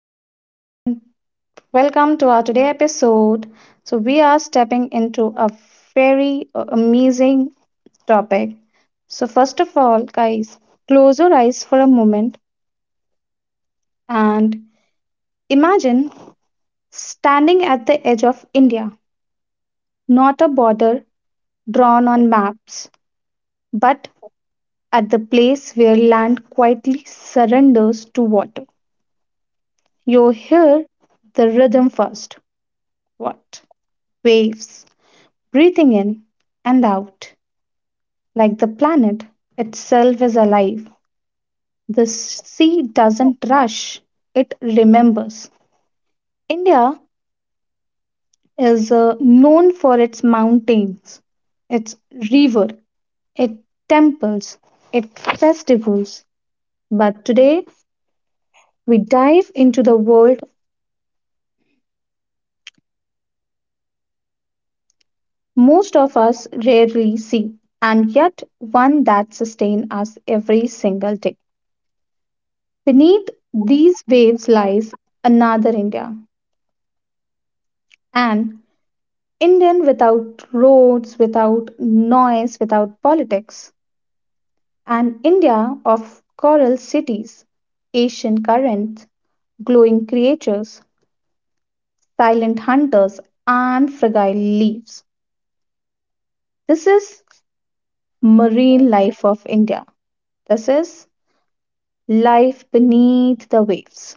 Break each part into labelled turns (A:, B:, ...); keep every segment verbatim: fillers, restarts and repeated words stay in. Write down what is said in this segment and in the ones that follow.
A: Hey everyone, and welcome to our today episode. So we are stepping into a very uh, amazing topic. So first of all, guys, close your eyes for a moment and imagine standing at the edge of India, not a border drawn on maps, but at the place where land quietly surrenders to water. You hear the rhythm first. What? Waves breathing in and out. Like the planet itself is alive, the sea doesn't rush, it remembers. India is uh, known for its mountains, its river, its temples, its festivals. But today, we dive into the world most of us rarely see, and yet one that sustains us every single day. Beneath these waves lies another India, an Indian without roads, without noise, without politics. An India of coral cities, Asian currents, glowing creatures, silent hunters, and fragile leaves. This is marine life of India. This is life beneath the waves.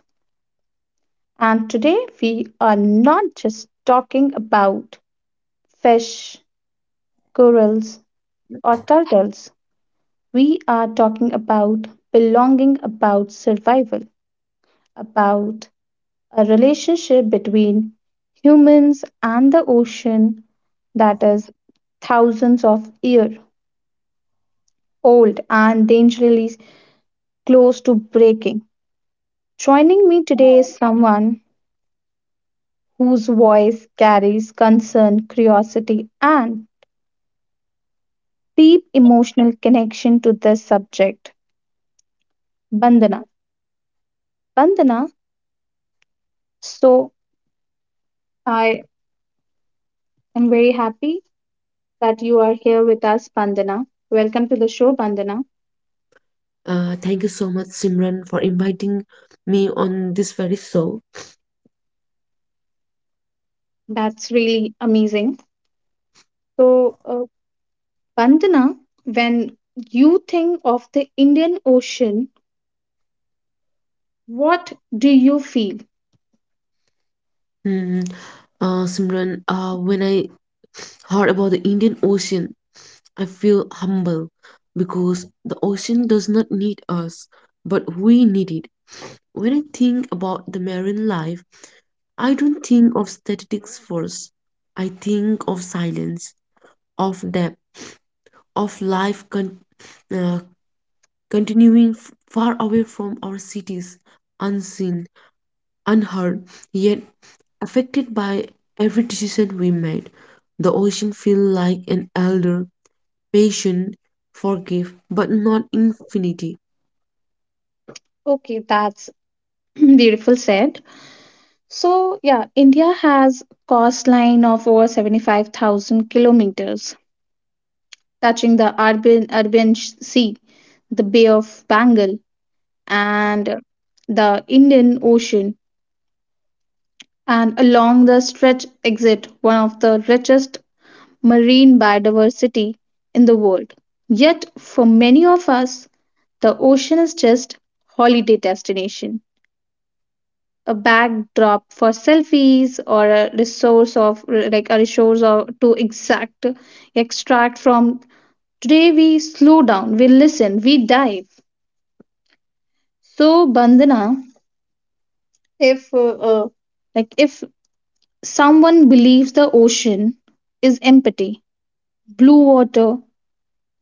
A: And today we are not just talking about fish, corals, or turtles. We are talking about belonging, about survival, about a relationship between humans and the ocean that is thousands of years old and dangerously close to breaking. Joining me today is someone whose voice carries concern, curiosity, and deep emotional connection to this subject, Bandana. Bandana, so I am very happy that you are here with us, Bandana. Welcome to the show, Bandana.
B: Uh, thank you so much, Simran, for inviting me on this very show.
A: That's really amazing. So, uh, Bandana, when you think of the Indian Ocean, what do you feel?
B: Hmm. Uh, Simran, uh, when I heard about the Indian Ocean, I feel humble because the ocean does not need us, but we need it. When I think about the marine life, I don't think of statistics first. I think of silence, of depth, of life con- uh, continuing f- far away from our cities, unseen, unheard, yet affected by every decision we made. The ocean feels like an elder, patient, forgive, but not infinity.
A: Okay, that's beautiful said. So, yeah, India has coastline of over seventy-five thousand kilometers, touching the urban Arabian Sea, the Bay of Bengal, and the Indian Ocean. And along the stretch exit one of the richest marine biodiversity in the world. Yet for many of us, the ocean is just holiday destination, a backdrop for selfies or a resource of like a resource or to exact extract from. Today we slow down, we listen, we dive. So Bandana, if uh, uh, like if someone believes the ocean is empty blue water,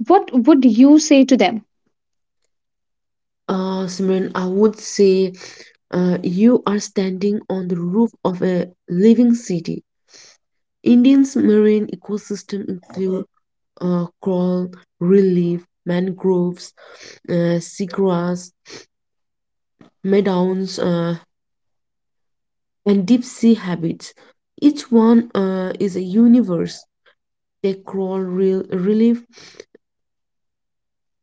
A: what would you say to them?
B: Uh, Simran, I would say uh, you are standing on the roof of a living city. Indian's marine ecosystem include uh, coral, relief, mangroves, uh, seagrass, meadows, uh, and deep sea habits. Each one uh, is a universe they crawl real, relief,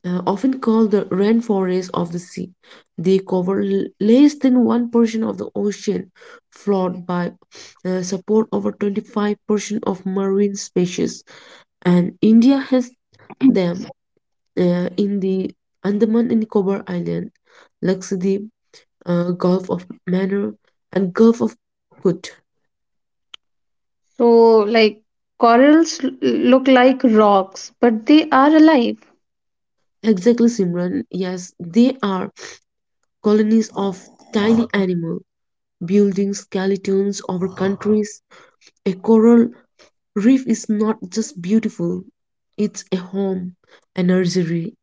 B: uh, often called the rainforest of the sea. They cover l- less than one percent of the ocean, flawed by uh, support over twenty-five percent of marine species. And India has them uh, in the Andaman and Nicobar Island, Lakshadweep, uh, Gulf of Manor, and Gulf of Kut.
A: So, like corals l- look like rocks, but they are alive.
B: Exactly, Simran. Yes, they are colonies of tiny animal, building skeletons over countries. A coral reef is not just beautiful, it's a home, a nursery,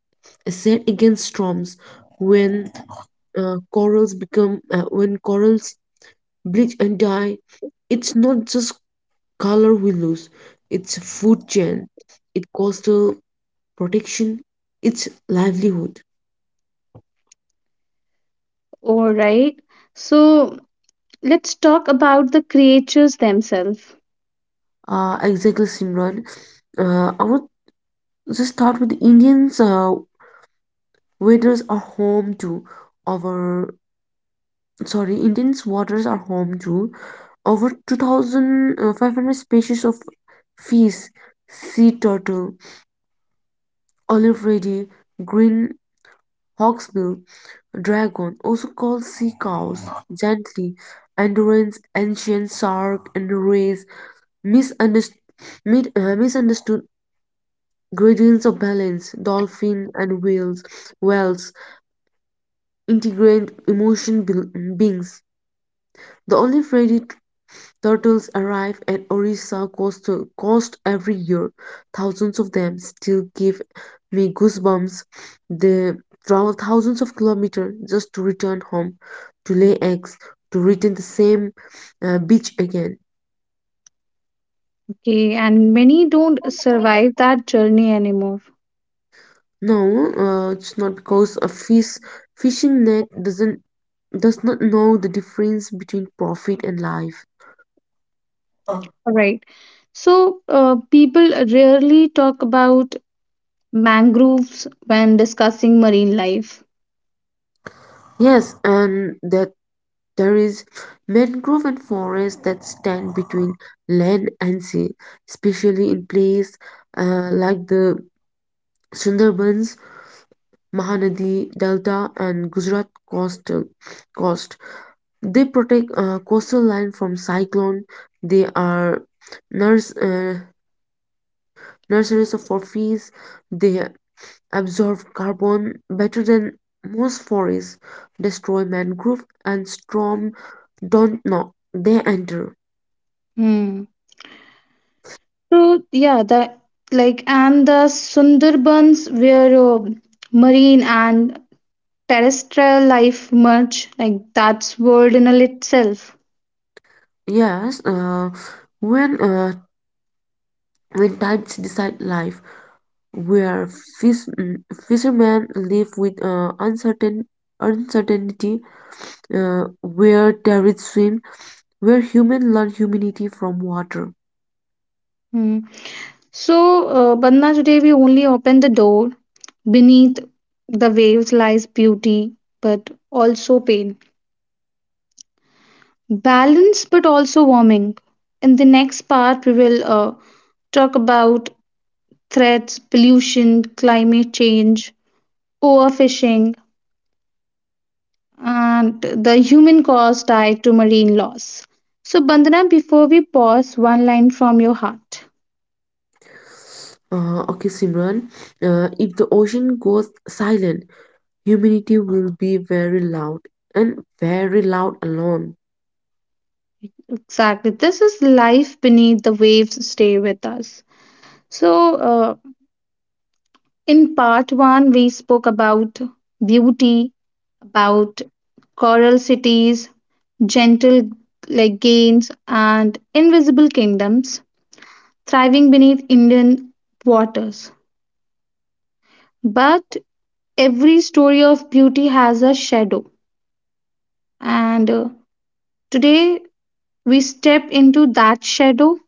B: a set against storms. When uh, corals become, uh, when corals bleach and die, it's not just color we lose, it's food chain, it's coastal protection, it's livelihood.
A: All right. So, let's talk about the creatures themselves.
B: Uh, exactly, Simran. Uh, I would just start with Indians. Uh, waters are home to over sorry, Indians waters are home to over two thousand five hundred species of fish, sea turtle, olive reedy, green hawksbill, dragon, also called sea cows, gently, endurance, ancient shark, and rays, misunderstood, mid, uh, misunderstood Gradients of balance, dolphin and whales, whales integrate emotion bil- beings. The olive ready turtles arrive at Orissa coast, coast every year. Thousands of them still give me goosebumps. They travel thousands of kilometers just to return home, to lay eggs, to return the same uh, beach again.
A: Okay. And many don't survive that journey anymore.
B: No, uh, it's not because a fish fishing net doesn't does not know the difference between profit and life. Oh.
A: All right. So, uh, people rarely talk about mangroves when discussing marine life.
B: Yes, and that there is mangrove and forest that stand between land and sea, especially in place uh, like the Sundarbans, Mahanadi Delta, and Gujarat coastal coast. They protect uh, coastal line from cyclone. They are nurse. uh, Nurseries of for fees, they absorb carbon better than most forests, destroy mangrove and storm don't know they enter.
A: Hmm. So yeah, the like and the Sundarbans where uh, marine and terrestrial life merge, like that's world in all itself.
B: Yes, uh, when uh, When tides decide life, where fish, mm, fishermen live with uh, uncertain uncertainty, uh, where terrorists swim, where humans learn humanity from water.
A: Hmm. So uh, Bandhna, today we only open the door. Beneath the waves lies beauty, but also pain. Balance, but also warming. In the next part, we will uh, talk about threats, pollution, climate change, overfishing, and the human cost tied to marine loss. So, Bandana, before we pause, one line from your heart.
B: Uh, okay, Simran, uh, if the ocean goes silent, humanity will be very loud and very loud alone.
A: Exactly. This is life beneath the waves, stay with us. So, uh, in part one, we spoke about beauty, about coral cities, gentle like gains, and invisible kingdoms thriving beneath Indian waters. But every story of beauty has a shadow, and uh, today, we step into that shadow,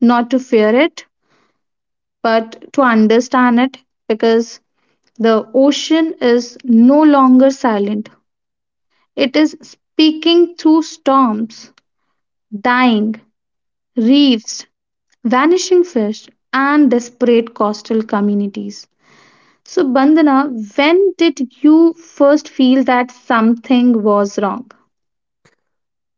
A: not to fear it, but to understand it, because the ocean is no longer silent. It is speaking through storms, dying reefs, vanishing fish, and desperate coastal communities. So, Bandana, when did you first feel that something was wrong?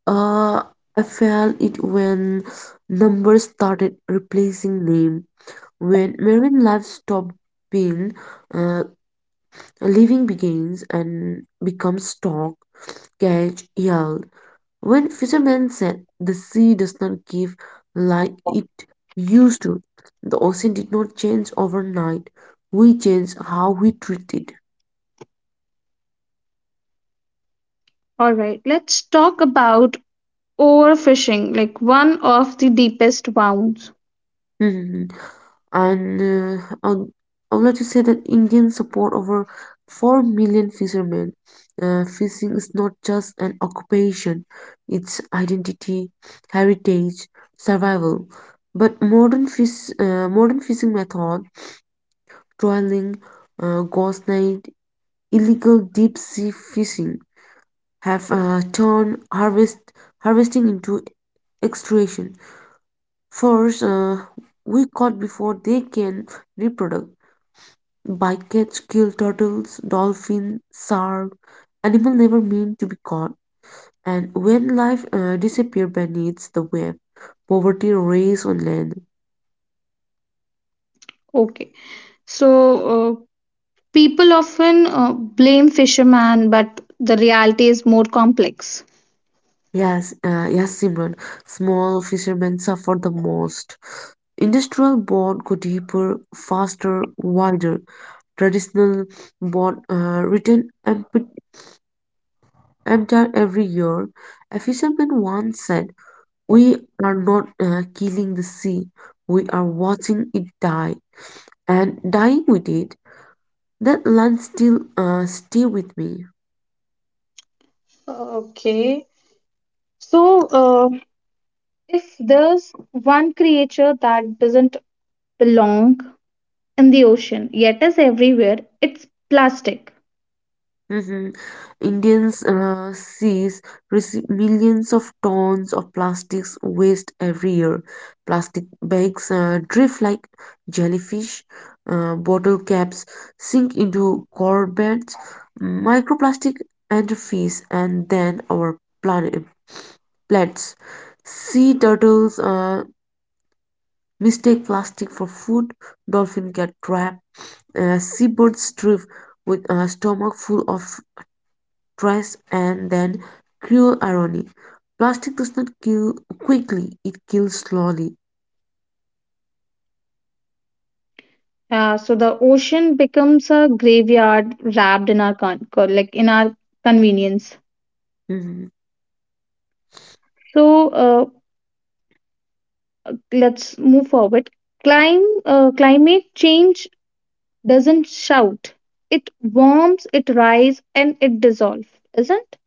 B: Uh, I felt it when numbers started replacing name, when marine life stopped being uh, living begins and becomes talk, catch, yell. When fishermen said the sea does not give like it used to, the ocean did not change overnight. We change how we treat it.
A: All right, let's talk about overfishing like one of the deepest wounds.
B: Mhm. And uh, I'd- I would like to say that Indians support over four million fishermen. Uh, fishing is not just an occupation, it's identity, heritage, survival. But modern, fish, uh, modern fishing method, trawling, uh, ghost net, illegal deep sea fishing have uh, turned harvest harvesting into extraction. First, uh, we caught before they can reproduce. Bycatch kill turtles, dolphin, shark, animal never meant to be caught. And when life uh, disappears beneath the web, poverty reigns on land.
A: Okay, so uh, people often uh, blame fishermen, but the reality is more complex.
B: Yes, uh, yes, Simran. Small fishermen suffer the most. Industrial boat go deeper, faster, wider. Traditional boat uh, return empty emptier every year. A fisherman once said we are not uh, killing the sea, we are watching it die and dying with it. That line still uh, stay with me.
A: Okay, so uh, if there's one creature that doesn't belong in the ocean yet is everywhere, it's plastic.
B: Mhm. Indians uh, seas receive millions of tons of plastics waste every year. Plastic bags uh, drift like jellyfish. Uh, bottle caps sink into corvettes. Microplastic enter fish and then our planet plates. Sea turtles uh, mistake plastic for food. Dolphin get trapped. Uh, seabirds drift with a stomach full of stress, and then cruel irony. Plastic does not kill quickly, it kills slowly.
A: Uh, so the ocean becomes a graveyard wrapped in our con- co- like in our convenience.
B: Hmm.
A: So uh, let's move forward. Clim- uh, climate change doesn't shout. It warms, it rise, and it dissolves, isn't?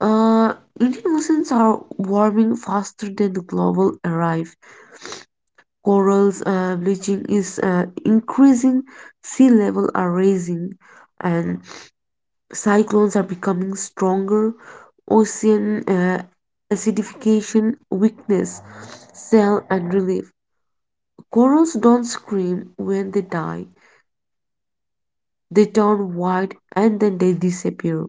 B: Uh, Indian oceans are warming faster than the global arrive. Corals uh, bleaching is uh, increasing, sea level are rising, and cyclones are becoming stronger. Ocean uh, acidification, weakness, cell and relief. Corals don't scream when they die. They turn white and then they disappear.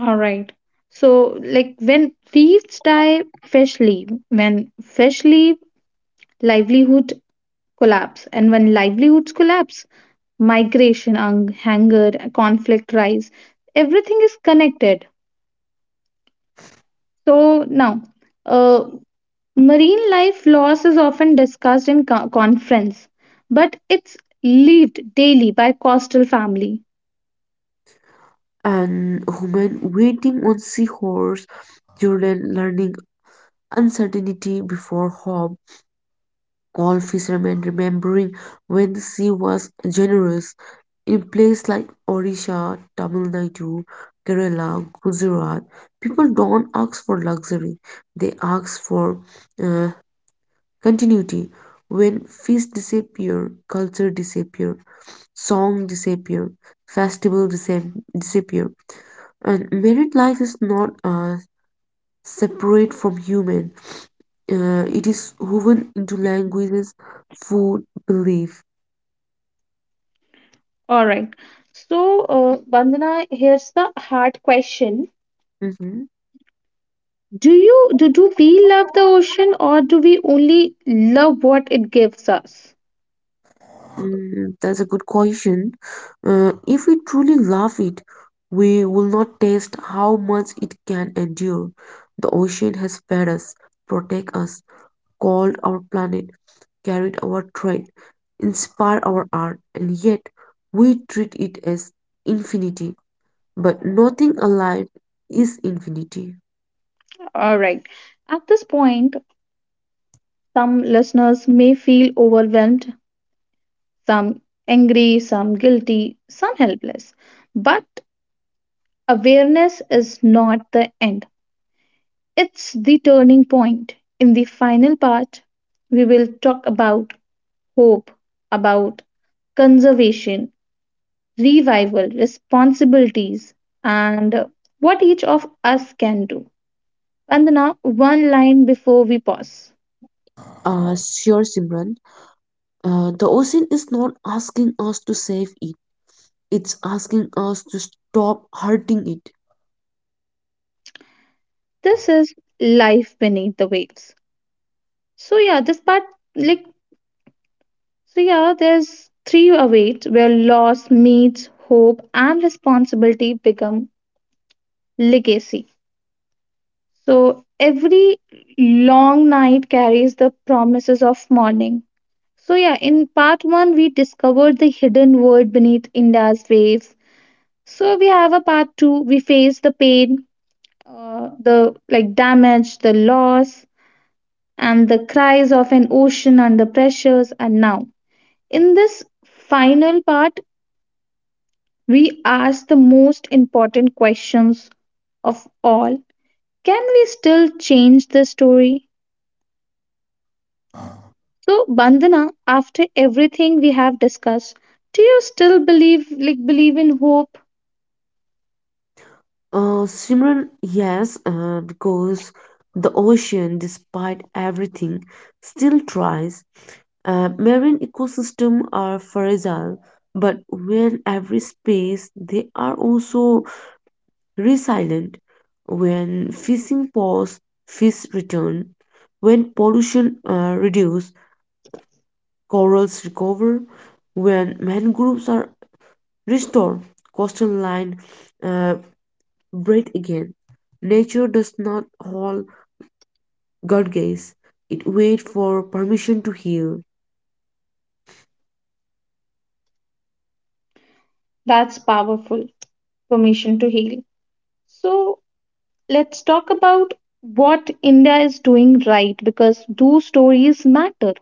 A: All right. So, like when leaves die, fish leave. When fish leave, livelihood collapse. And when livelihoods collapse, migration, hung- hunger, conflict rise. Everything is connected. So now, uh. Marine life loss is often discussed in co- conference, but it's lived daily by coastal family.
B: And women waiting on seahorse, children learning uncertainty before hope, all fishermen remembering when the sea was generous. In places like Odisha, Tamil Nadu, Kerala, Gujarat, people don't ask for luxury, they ask for uh, continuity. When feast disappear, culture disappear, song disappear, festival disap- disappear. And married life is not uh, separate from human. Uh, it is woven into languages, food, belief.
A: All right. So, uh, Bandana, here's the hard question:
B: Hmm.
A: Do you do, do we love the ocean, or do we only love what it gives us?
B: Mm, that's a good question. Uh, if we truly love it, we will not taste how much it can endure. The ocean has fed us, protect us, called our planet, carried our trade, inspired our art, and yet we treat it as infinity. But nothing alive is infinity.
A: All right. At this point, some listeners may feel overwhelmed, some angry, some guilty, some helpless. But awareness is not the end. It's the turning point. In the final part, we will talk about hope, about conservation, revival, responsibilities, and what each of us can do. Vandana, one line before we pause.
B: Uh, sure, Simran. Uh, the ocean is not asking us to save it, it's asking us to stop hurting it.
A: This is life beneath the waves. So yeah, this part like so yeah, there's three awaits where loss meets hope and responsibility become legacy. So every long night carries the promises of morning. So, yeah, in part one, we discovered the hidden world beneath India's waves. So, we have a part two, we face the pain, uh, the like damage, the loss, and the cries of an ocean under pressures. And now, in this final part, we ask the most important questions of all. Can we still change the story? So, Bandhana, after everything we have discussed, do you still believe, like, believe in hope?
B: Uh, Simran, yes, uh, because the ocean, despite everything, still tries. Uh, marine ecosystems are fragile, but when every space, they are also resilient. When fishing pause, fish return. When pollution uh, reduce, corals recover. When mangroves are restored, coastal line uh, breathe again. Nature does not hold God gaze. It waits for permission to heal.
A: That's powerful. Permission to heal. So, let's talk about what India is doing right, because do stories matter?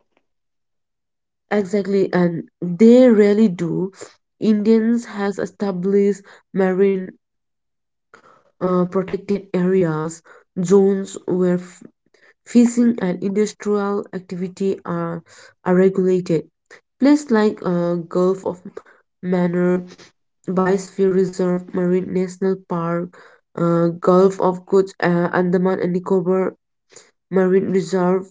B: Exactly, and they really do. Indians has established marine uh, protected areas, zones where f- fishing and industrial activity are, are regulated. Places like uh, Gulf of Manor, Biosphere Reserve, Marine National Park, uh, Gulf of Good, uh, Andaman and Nicobar marine reserve.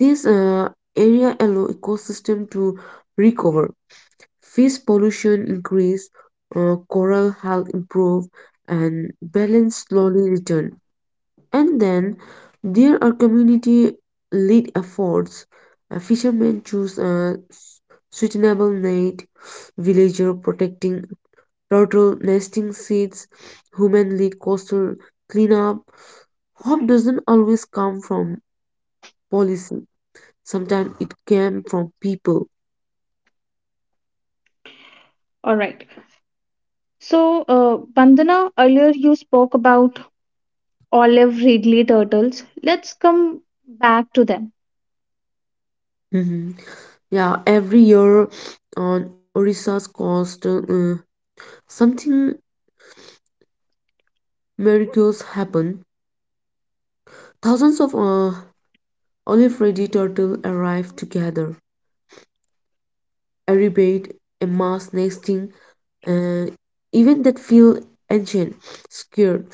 B: This uh, area allow ecosystem to recover. Fish pollution increase, uh, coral health improve, and balance slowly return. And then there are community lead efforts. Uh, fishermen choose a s- suitable net, villager protecting turtle nesting seeds, human lead coastal cleanup. Hope doesn't always come from policy. Sometimes it came from people.
A: All right. So, uh, Bandhana, earlier you spoke about olive Ridley turtles. Let's come back to them.
B: Mhm. Yeah, every year on Orissa's coast, uh, something miracles happen. Thousands of uh, olive ready turtle arrive together. A rebate, a mass nesting, uh, even that feel ancient, scared.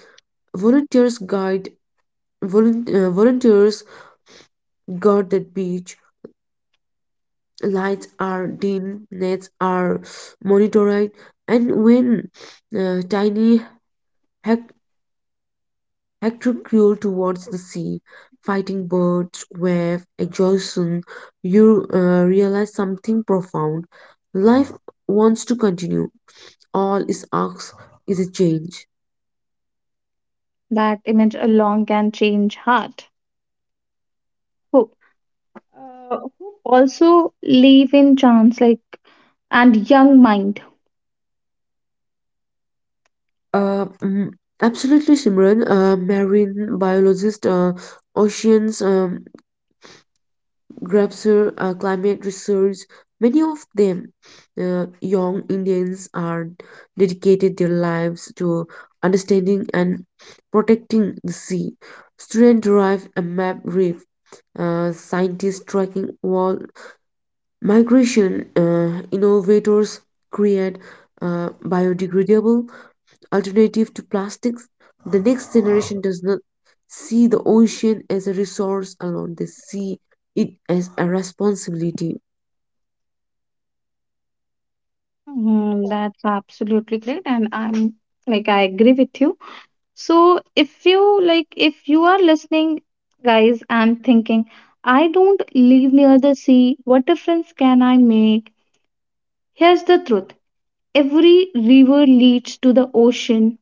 B: Volunteers guide, volun- uh, Volunteers guard that beach. Lights are dim, nets are monitored, and when uh, tiny hec- hector crawl towards the sea, fighting birds, wave, exhaustion, you uh, realize something profound. Life wants to continue. All is asked is a change.
A: That image alone can change heart. Hope. Uh, Uh, who also live in chance like and young mind.
B: Uh, mm, Absolutely, Simran, uh, marine biologist, uh, oceans. Um, Grabser uh, climate research. Many of them, uh, young Indians, are dedicated their lives to understanding and protecting the sea. Students derive a map reef, uh, scientists tracking wall migration, uh, innovators create uh, biodegradable alternative to plastics, the next generation does not see the ocean as a resource alone, they see it as a responsibility.
A: Mm, that's absolutely great and I'm like I agree with you. So if you like if you are listening, guys, and thinking I don't live near the sea, what difference can I make? Here's the truth: every river leads to the ocean,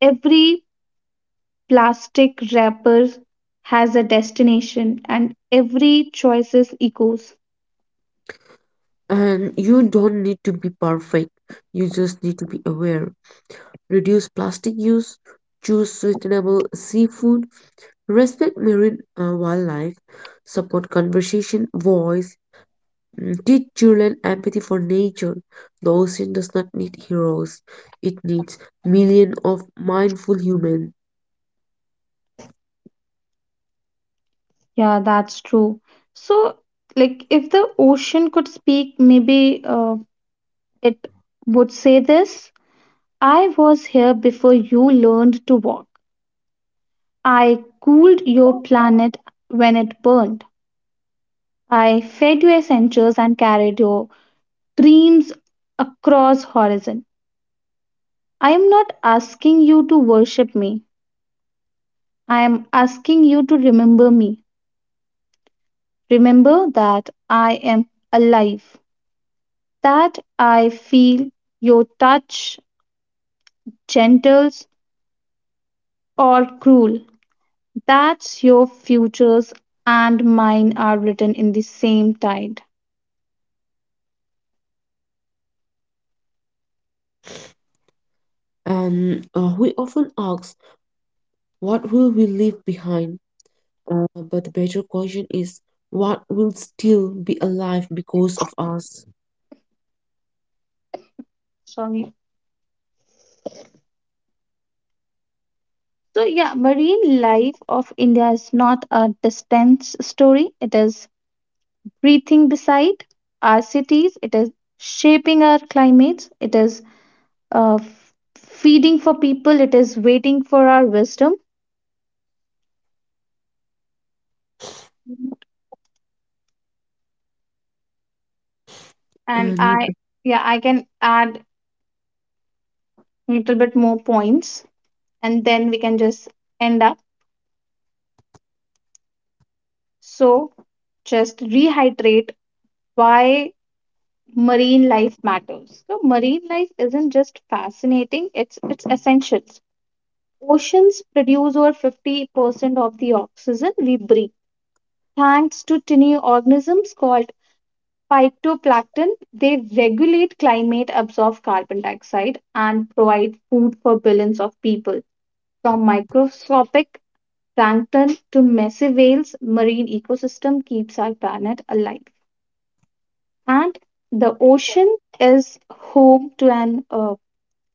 A: every plastic wrapper has a destination, and every choice is echoes.
B: And you don't need to be perfect, you just need to be aware. Reduce plastic use, choose sustainable seafood, respect marine uh, wildlife, support conversation, voice, mm, teach children empathy for nature. The ocean does not need heroes, it needs millions of mindful humans.
A: Yeah, that's true. So, like, if the ocean could speak, maybe uh, it would say this: I was here before you learned to walk. I cooled your planet when it burned. I fed your essentials and carried your dreams across horizon. I am not asking you to worship me. I am asking you to remember me. Remember that I am alive. That I feel your touch, gentle or cruel. That's your futures and mine are written in the same tide.
B: And uh, We often ask, what will we leave behind? Uh, but the better question is, what will still be alive because of us?
A: Sorry. So, yeah, marine life of India is not a distant story. It is breathing beside our cities. It is shaping our climates. It is uh, f- feeding for people. It is waiting for our wisdom. And
B: And
A: I, yeah, I can add a little bit more points, and then we can just end up. So, just rehydrate why marine life matters. So, marine life isn't just fascinating, it's it's essential. Oceans produce over fifty percent of the oxygen we breathe. Thanks to tiny organisms called phytoplankton, they regulate climate, absorb carbon dioxide, and provide food for billions of people. From microscopic plankton to massive whales, marine ecosystem keeps our planet alive. And the ocean is home to an uh,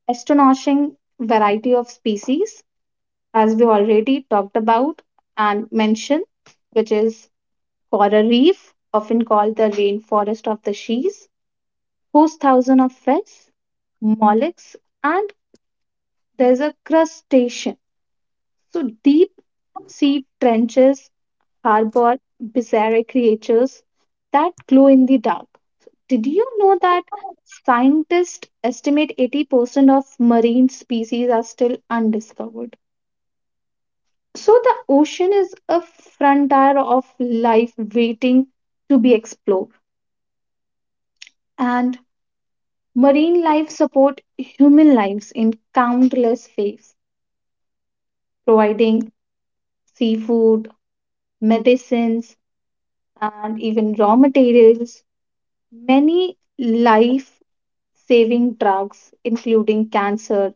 A: astonishing variety of species, as we already talked about and mentioned, which is coral reef, often called the rainforest of the seas, hosts thousands of fish, mollusks, and there's a crustacean. So deep sea trenches harbor bizarre creatures that glow in the dark. Did you know that scientists estimate eighty percent of marine species are still undiscovered? So the ocean is a frontier of life waiting to be explored. And marine life support human lives in countless ways, providing seafood, medicines, and even raw materials. Many life saving drugs, including cancer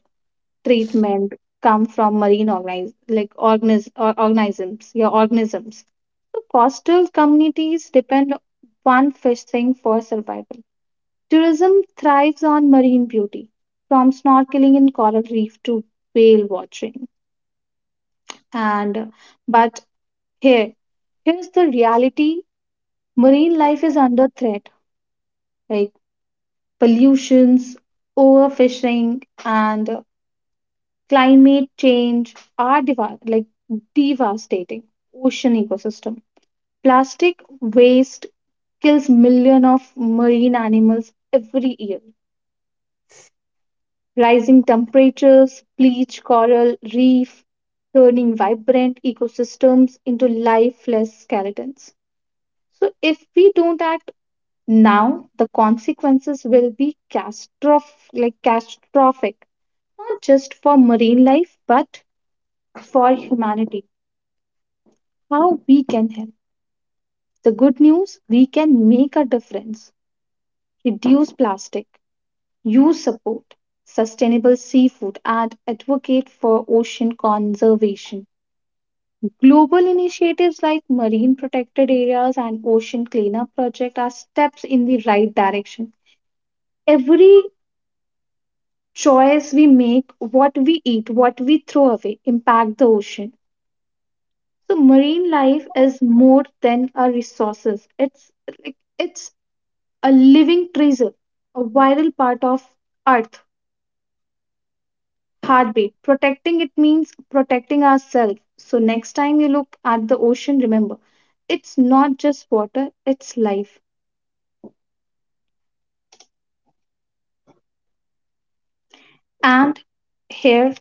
A: treatment, come from marine organis- like organisms, or organisms, yeah, organisms. So coastal communities depend on fishing for survival. Tourism thrives on marine beauty, from snorkeling in coral reef to whale watching. And but Here, here's the reality: marine life is under threat. Like pollutions, overfishing, and climate change are deva- like devastating ocean ecosystem. Plastic waste kills millions of marine animals every year. Rising temperatures bleach coral reef, turning vibrant ecosystems into lifeless skeletons. So, if we don't act now, the consequences will be catastroph- like catastrophic, not just for marine life but for humanity. How we can help? The good news: we can make a difference. Reduce plastic, use support, sustainable seafood, and advocate for ocean conservation. Global initiatives like marine protected areas and ocean cleanup project are steps in the right direction. Every choice we make, what we eat, what we throw away, impact the ocean. So marine life is more than a resources. It's like it's a living treasure, a vital part of earth heartbeat. Protecting it means protecting ourselves. So next time you look at the ocean, remember it's not just water, it's life. And here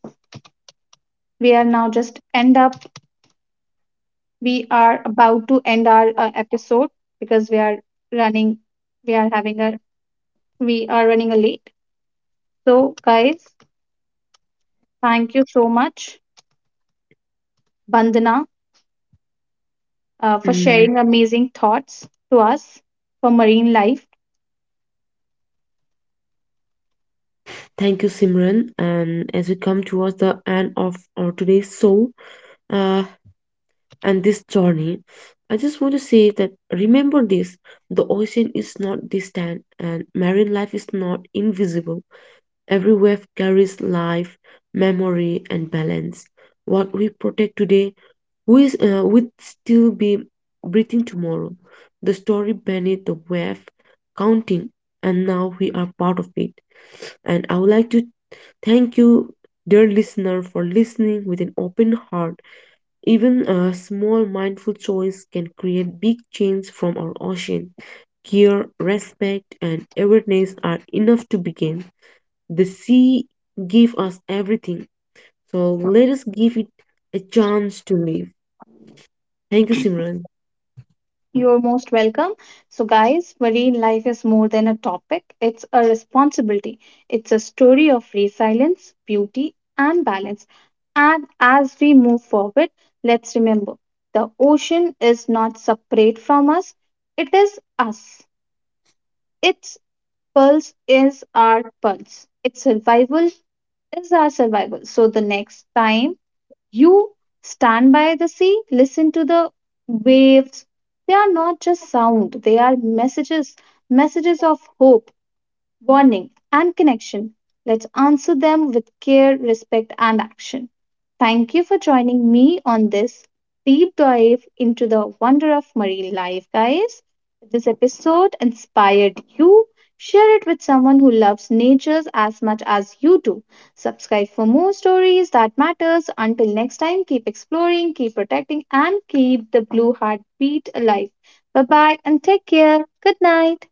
A: we are now just end up, we are about to end our uh, episode because we are running, we are having a, we are running a late. So, guys, thank you so much, Bandana, uh, for
B: mm,
A: sharing amazing thoughts to us for marine life.
B: Thank you, Simran. And as we come towards the end of our today's show uh, and this journey, I just want to say that remember this the ocean is not distant, and marine life is not invisible. Every wave carries life, memory, and balance. What we protect today we uh, would still be breathing tomorrow. The story beneath the wave, counting, and now we are part of it. And I would like to thank you, dear listener, for listening with an open heart. Even a small mindful choice can create big change from our ocean. Care, respect, and awareness are enough to begin. The sea gave us everything, so let us give it a chance to live. Thank you, Simran.
A: You're most welcome. So, guys, marine life is more than a topic, it's a responsibility. It's a story of resilience, beauty, and balance. And as we move forward, let's remember the ocean is not separate from us, it is us. Its pulse is our pulse, its survival is our survival. So, the next time you stand by the sea, listen to the waves. They are not just sound, they are messages, messages of hope, warning, and connection. Let's answer them with care, respect, and action. Thank you for joining me on this deep dive into the wonder of marine life, guys. If this episode inspired you, share it with someone who loves nature as much as you do. Subscribe for more stories that matters. Until next time, keep exploring, keep protecting, and keep the blue heart beat alive. Bye bye and take care. Good night.